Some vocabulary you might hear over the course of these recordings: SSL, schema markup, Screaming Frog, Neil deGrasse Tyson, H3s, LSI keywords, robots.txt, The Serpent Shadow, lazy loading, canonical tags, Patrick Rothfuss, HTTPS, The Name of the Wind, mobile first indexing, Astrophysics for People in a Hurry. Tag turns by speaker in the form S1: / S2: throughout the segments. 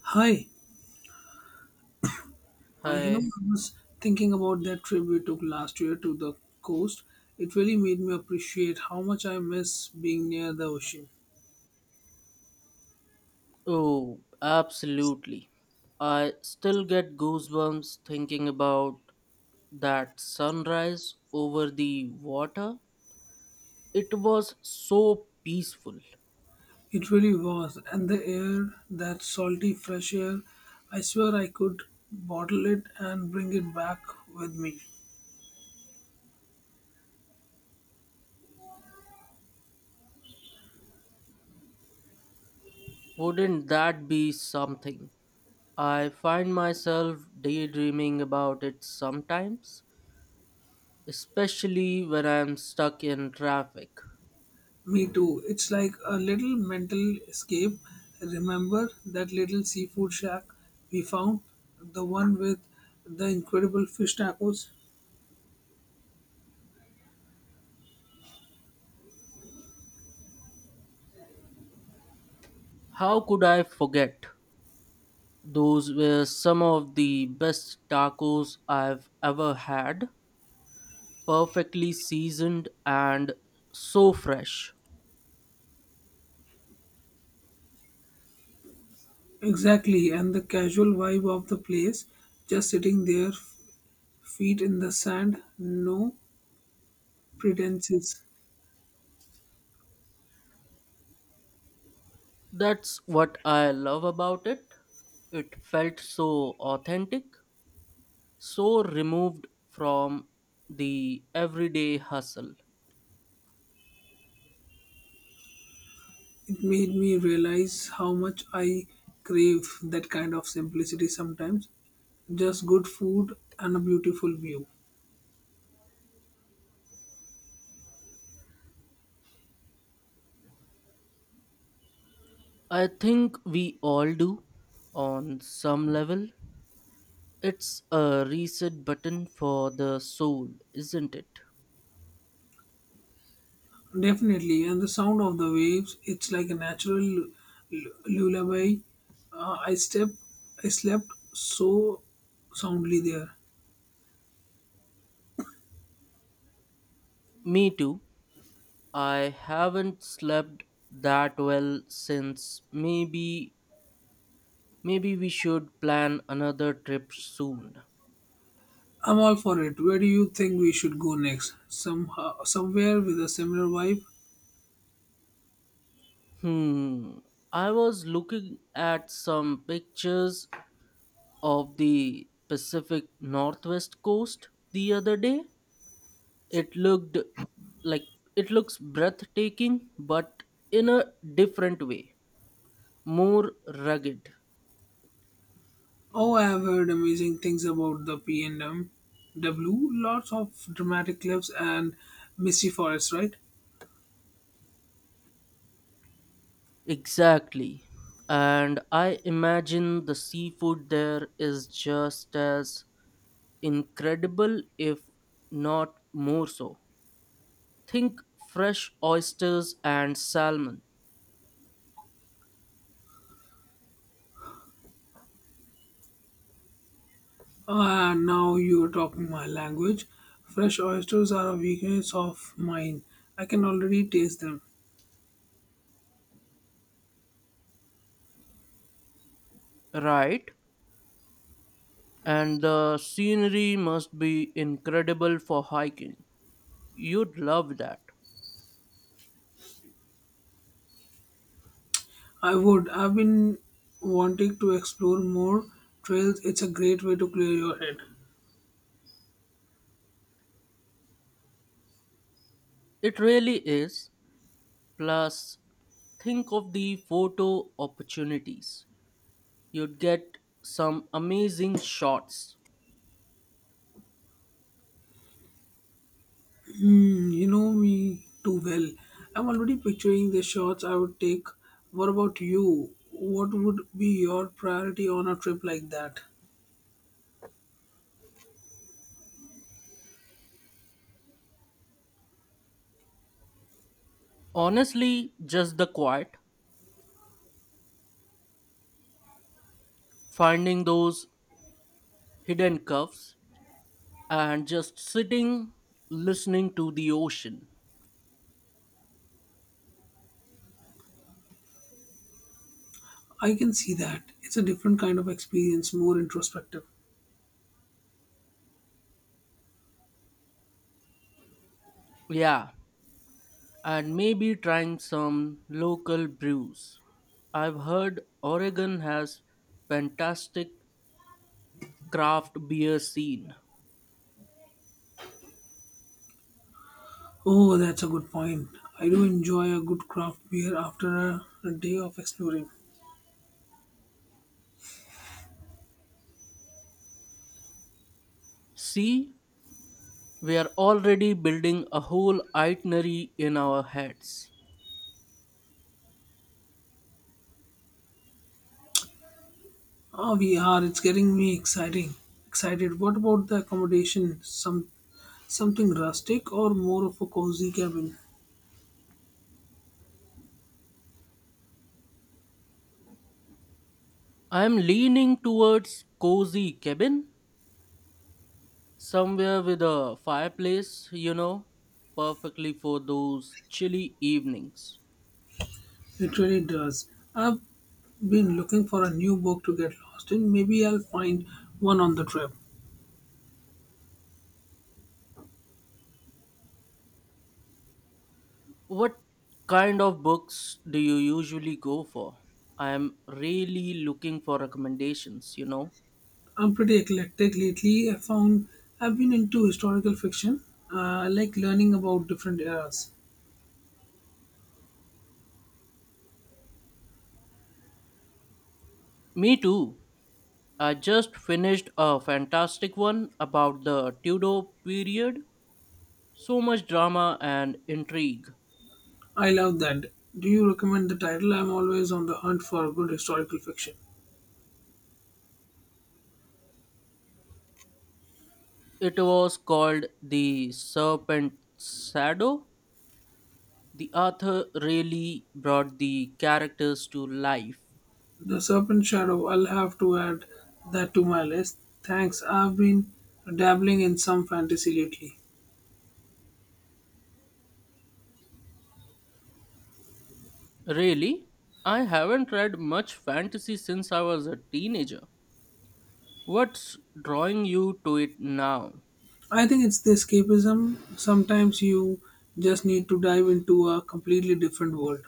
S1: Hi, you know,
S2: Hi.
S1: I was thinking about that trip we took last year to the coast. It really made me appreciate how much I miss being near the ocean.
S2: Oh, absolutely. I still get goosebumps thinking about that sunrise over the water. It was so peaceful.
S1: It really was, and the air, that salty, fresh air, I swear I could bottle it and bring it back with me.
S2: Wouldn't that be something? I find myself daydreaming about it sometimes, especially when I'm stuck in traffic.
S1: Me too. It's like a little mental escape. Remember that little seafood shack we found? The one with the incredible fish tacos?
S2: How could I forget? Those were some of the best tacos I've ever had, perfectly seasoned and so fresh.
S1: Exactly, and the casual vibe of the place, just sitting there, feet in the sand, no pretenses.
S2: That's what I love about it. It felt so authentic, so removed from the everyday hustle.
S1: It made me realize how much I crave that kind of simplicity sometimes. Just good food and a beautiful view.
S2: I think we all do on some level. It's a reset button for the soul, isn't it?
S1: Definitely, and the sound of the waves, it's like a natural lullaby. Uh, I step, I slept so soundly there.
S2: Me too. I haven't slept that well since maybe— maybe we should plan another trip soon.
S1: I'm all for it. Where do you think we should go next? Somehow, somewhere with a similar vibe?
S2: Hmm. I was looking at some pictures of the Pacific Northwest coast the other day. It looked like it looks breathtaking, but in a different way, more rugged.
S1: Oh, I have heard amazing things about the P&MW. Lots of dramatic cliffs and misty forests, right?
S2: Exactly. And I imagine the seafood there is just as incredible, if not more so. Think fresh oysters and salmon.
S1: Ah, now you're talking my language. Fresh oysters are a weakness of mine. I can already taste them.
S2: Right. And the scenery must be incredible for hiking. You'd love that.
S1: I would. I've been wanting to explore more trails. It's a great way to clear your head.
S2: It really is. Plus, think of the photo opportunities. You'd get some amazing shots.
S1: Hmm, you know me too well. I'm already picturing the shots I would take. What about you? What would be your priority on a trip like that?
S2: Honestly, just the quiet, finding those hidden cuffs, and just sitting listening to the ocean.
S1: I can see that. It's a different kind of experience, more introspective.
S2: Yeah, and maybe trying some local brews. I've heard Oregon has fantastic craft beer scene.
S1: Oh, that's a good point. I do enjoy a good craft beer after a day of exploring.
S2: See, we are already building a whole itinerary in our heads.
S1: Oh, we are. It's getting me exciting. Excited. What about the accommodation? Something rustic or more of a cozy cabin?
S2: I'm leaning towards cozy cabin, somewhere with a fireplace, you know, perfectly for those chilly evenings.
S1: It really does. I've been looking for a new book to get lost in. Maybe I'll find one on the trip.
S2: What kind of books do you usually go for? I am really looking for recommendations, you know.
S1: I'm pretty eclectic lately. I've been into historical fiction. I like learning about different eras.
S2: Me too. I just finished a fantastic one about the Tudor period. So much drama and intrigue.
S1: I love that. Do you recommend the title? I'm always on the hunt for good historical fiction.
S2: It was called The Serpent's Shadow. The author really brought the characters to life.
S1: The Serpent Shadow. I'll have to add that to my list. Thanks. I've been dabbling in some fantasy lately.
S2: Really? I haven't read much fantasy since I was a teenager. What's drawing you to it now?
S1: I think it's the escapism. Sometimes you just need to dive into a completely different world.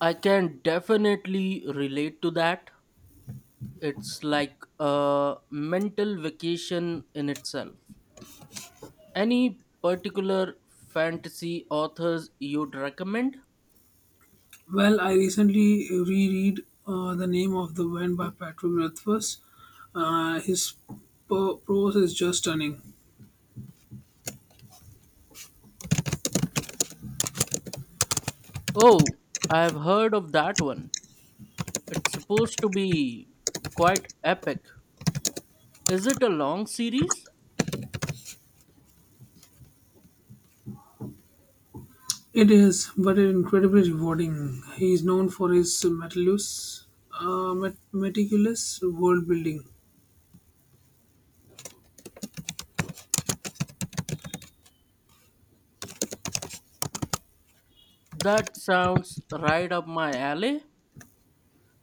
S2: I can definitely relate to that. It's like a mental vacation in itself. Any particular fantasy authors you'd recommend?
S1: Well, I recently reread The Name of the Wind by Patrick Rothfuss. His prose is just stunning.
S2: Oh, I've heard of that one. It's supposed to be quite epic. Is it a long series?
S1: It is, but it's incredibly rewarding. He is known for his meticulous world building.
S2: That sounds right up my alley.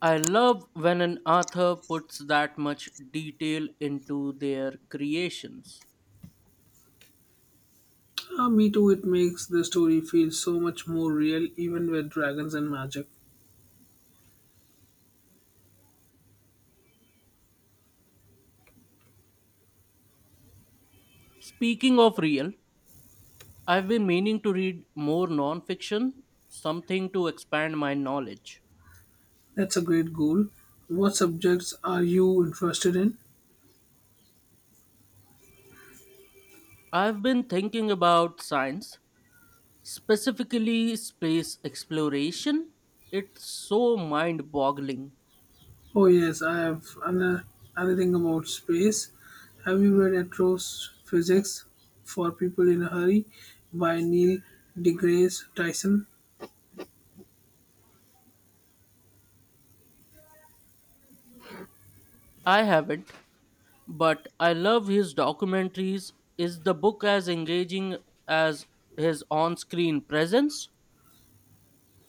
S2: I love when an author puts that much detail into their creations.
S1: Me too, it makes the story feel so much more real, even with dragons and magic.
S2: Speaking of real, I've been meaning to read more nonfiction, something to expand my knowledge.
S1: That's a great goal. What subjects are you interested in?
S2: I've been thinking about science, specifically space exploration. It's so mind boggling.
S1: Oh, yes, anything about space. Have you read Astrophysics for People in a Hurry by Neil deGrasse Tyson?
S2: I haven't, but I love his documentaries. Is the book as engaging as his on screen presence?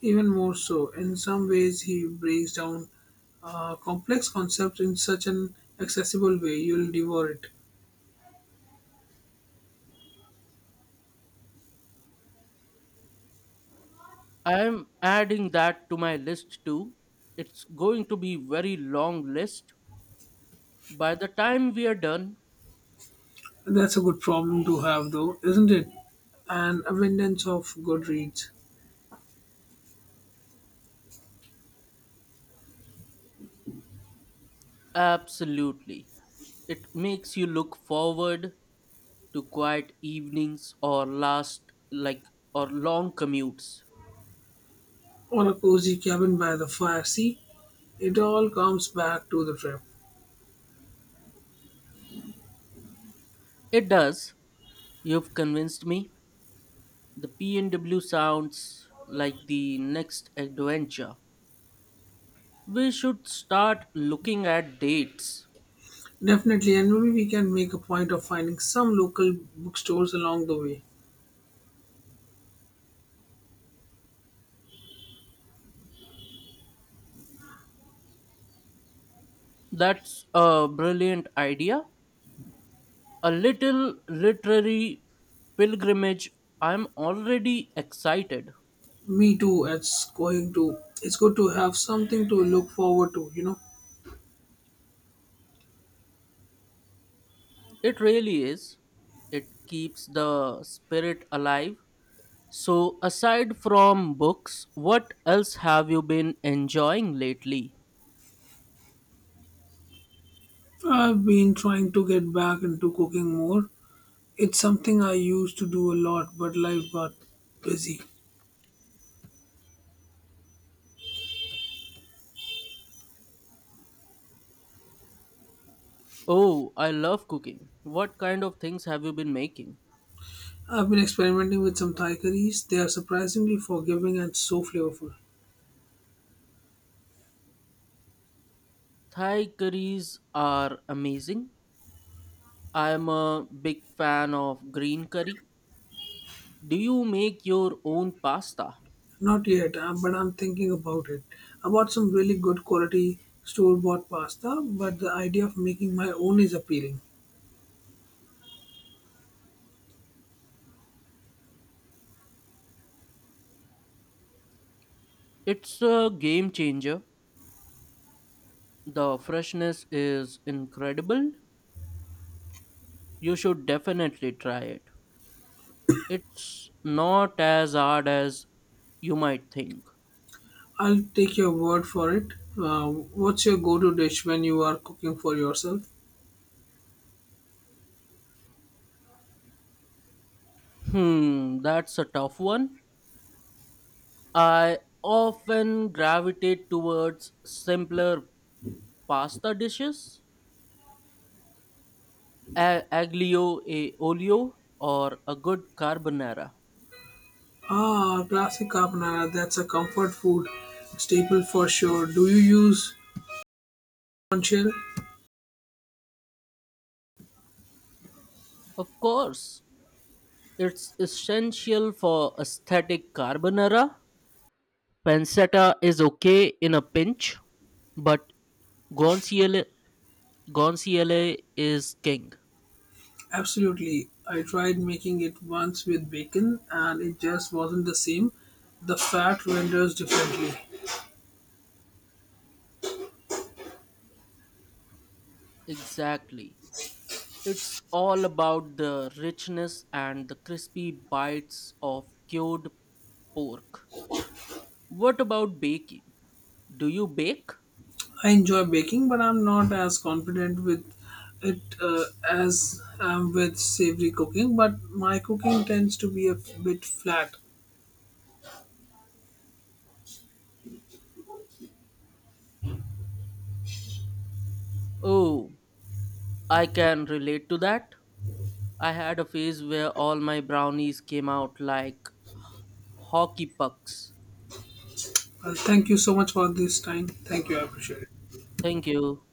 S1: Even more so, in some ways, he breaks down complex concepts in such an accessible way you'll devour it.
S2: I'm adding that to my list too. It's going to be very long list. By the time we are done,
S1: That's a good problem to have, though, isn't it? An abundance of good reads.
S2: absolutely. It makes you look forward to quiet evenings or last like or long commutes.
S1: Or a cozy cabin by the fire. See, it all comes back to the trip.
S2: It does. You've convinced me. The PNW sounds like the next adventure. We should start looking at dates.
S1: Definitely, and maybe we can make a point of finding some local bookstores along the way.
S2: That's a brilliant idea. A little literary pilgrimage. I'm already excited.
S1: Me too. It's going to. It's good to have something to look forward to. You know,
S2: It really is. It keeps the spirit alive. So, aside from books, what else have you been enjoying lately?
S1: I've been trying to get back into cooking more. It's something I used to do a lot, but life got busy.
S2: Oh, I love cooking. What kind of things have you been making?
S1: I've been experimenting with some Thai curries. They are surprisingly forgiving and so flavorful.
S2: Thai curries are amazing. I am a big fan of green curry. Do you make your own pasta?
S1: Not yet, but I'm thinking about it. I bought some really good quality store bought pasta, but the idea of making my own is appealing.
S2: It's a game changer. The freshness is incredible. You should definitely try it. It's not as hard as you might think.
S1: I'll take your word for it. What's your go to dish when you are cooking for yourself?
S2: Hmm, that's a tough one. I often gravitate towards simpler pasta dishes, aglio e olio, or a good carbonara.
S1: Ah, classic carbonara. That's a comfort food staple for sure. Do you use conchel?
S2: Of course, it's essential for aesthetic carbonara. Pancetta is okay in a pinch, but Gonciele, Gonciele is king.
S1: Absolutely. I tried making it once with bacon and it just wasn't the same. The fat renders differently.
S2: Exactly. It's all about the richness and the crispy bites of cured pork. What about baking? Do you bake?
S1: I enjoy baking, but I'm not as confident with it as I'm with savory cooking. But my cooking tends to be a bit flat.
S2: Oh, I can relate to that. I had a phase where all my brownies came out like hockey pucks.
S1: Thank you so much for this time. Thank you. I appreciate it.
S2: Thank you.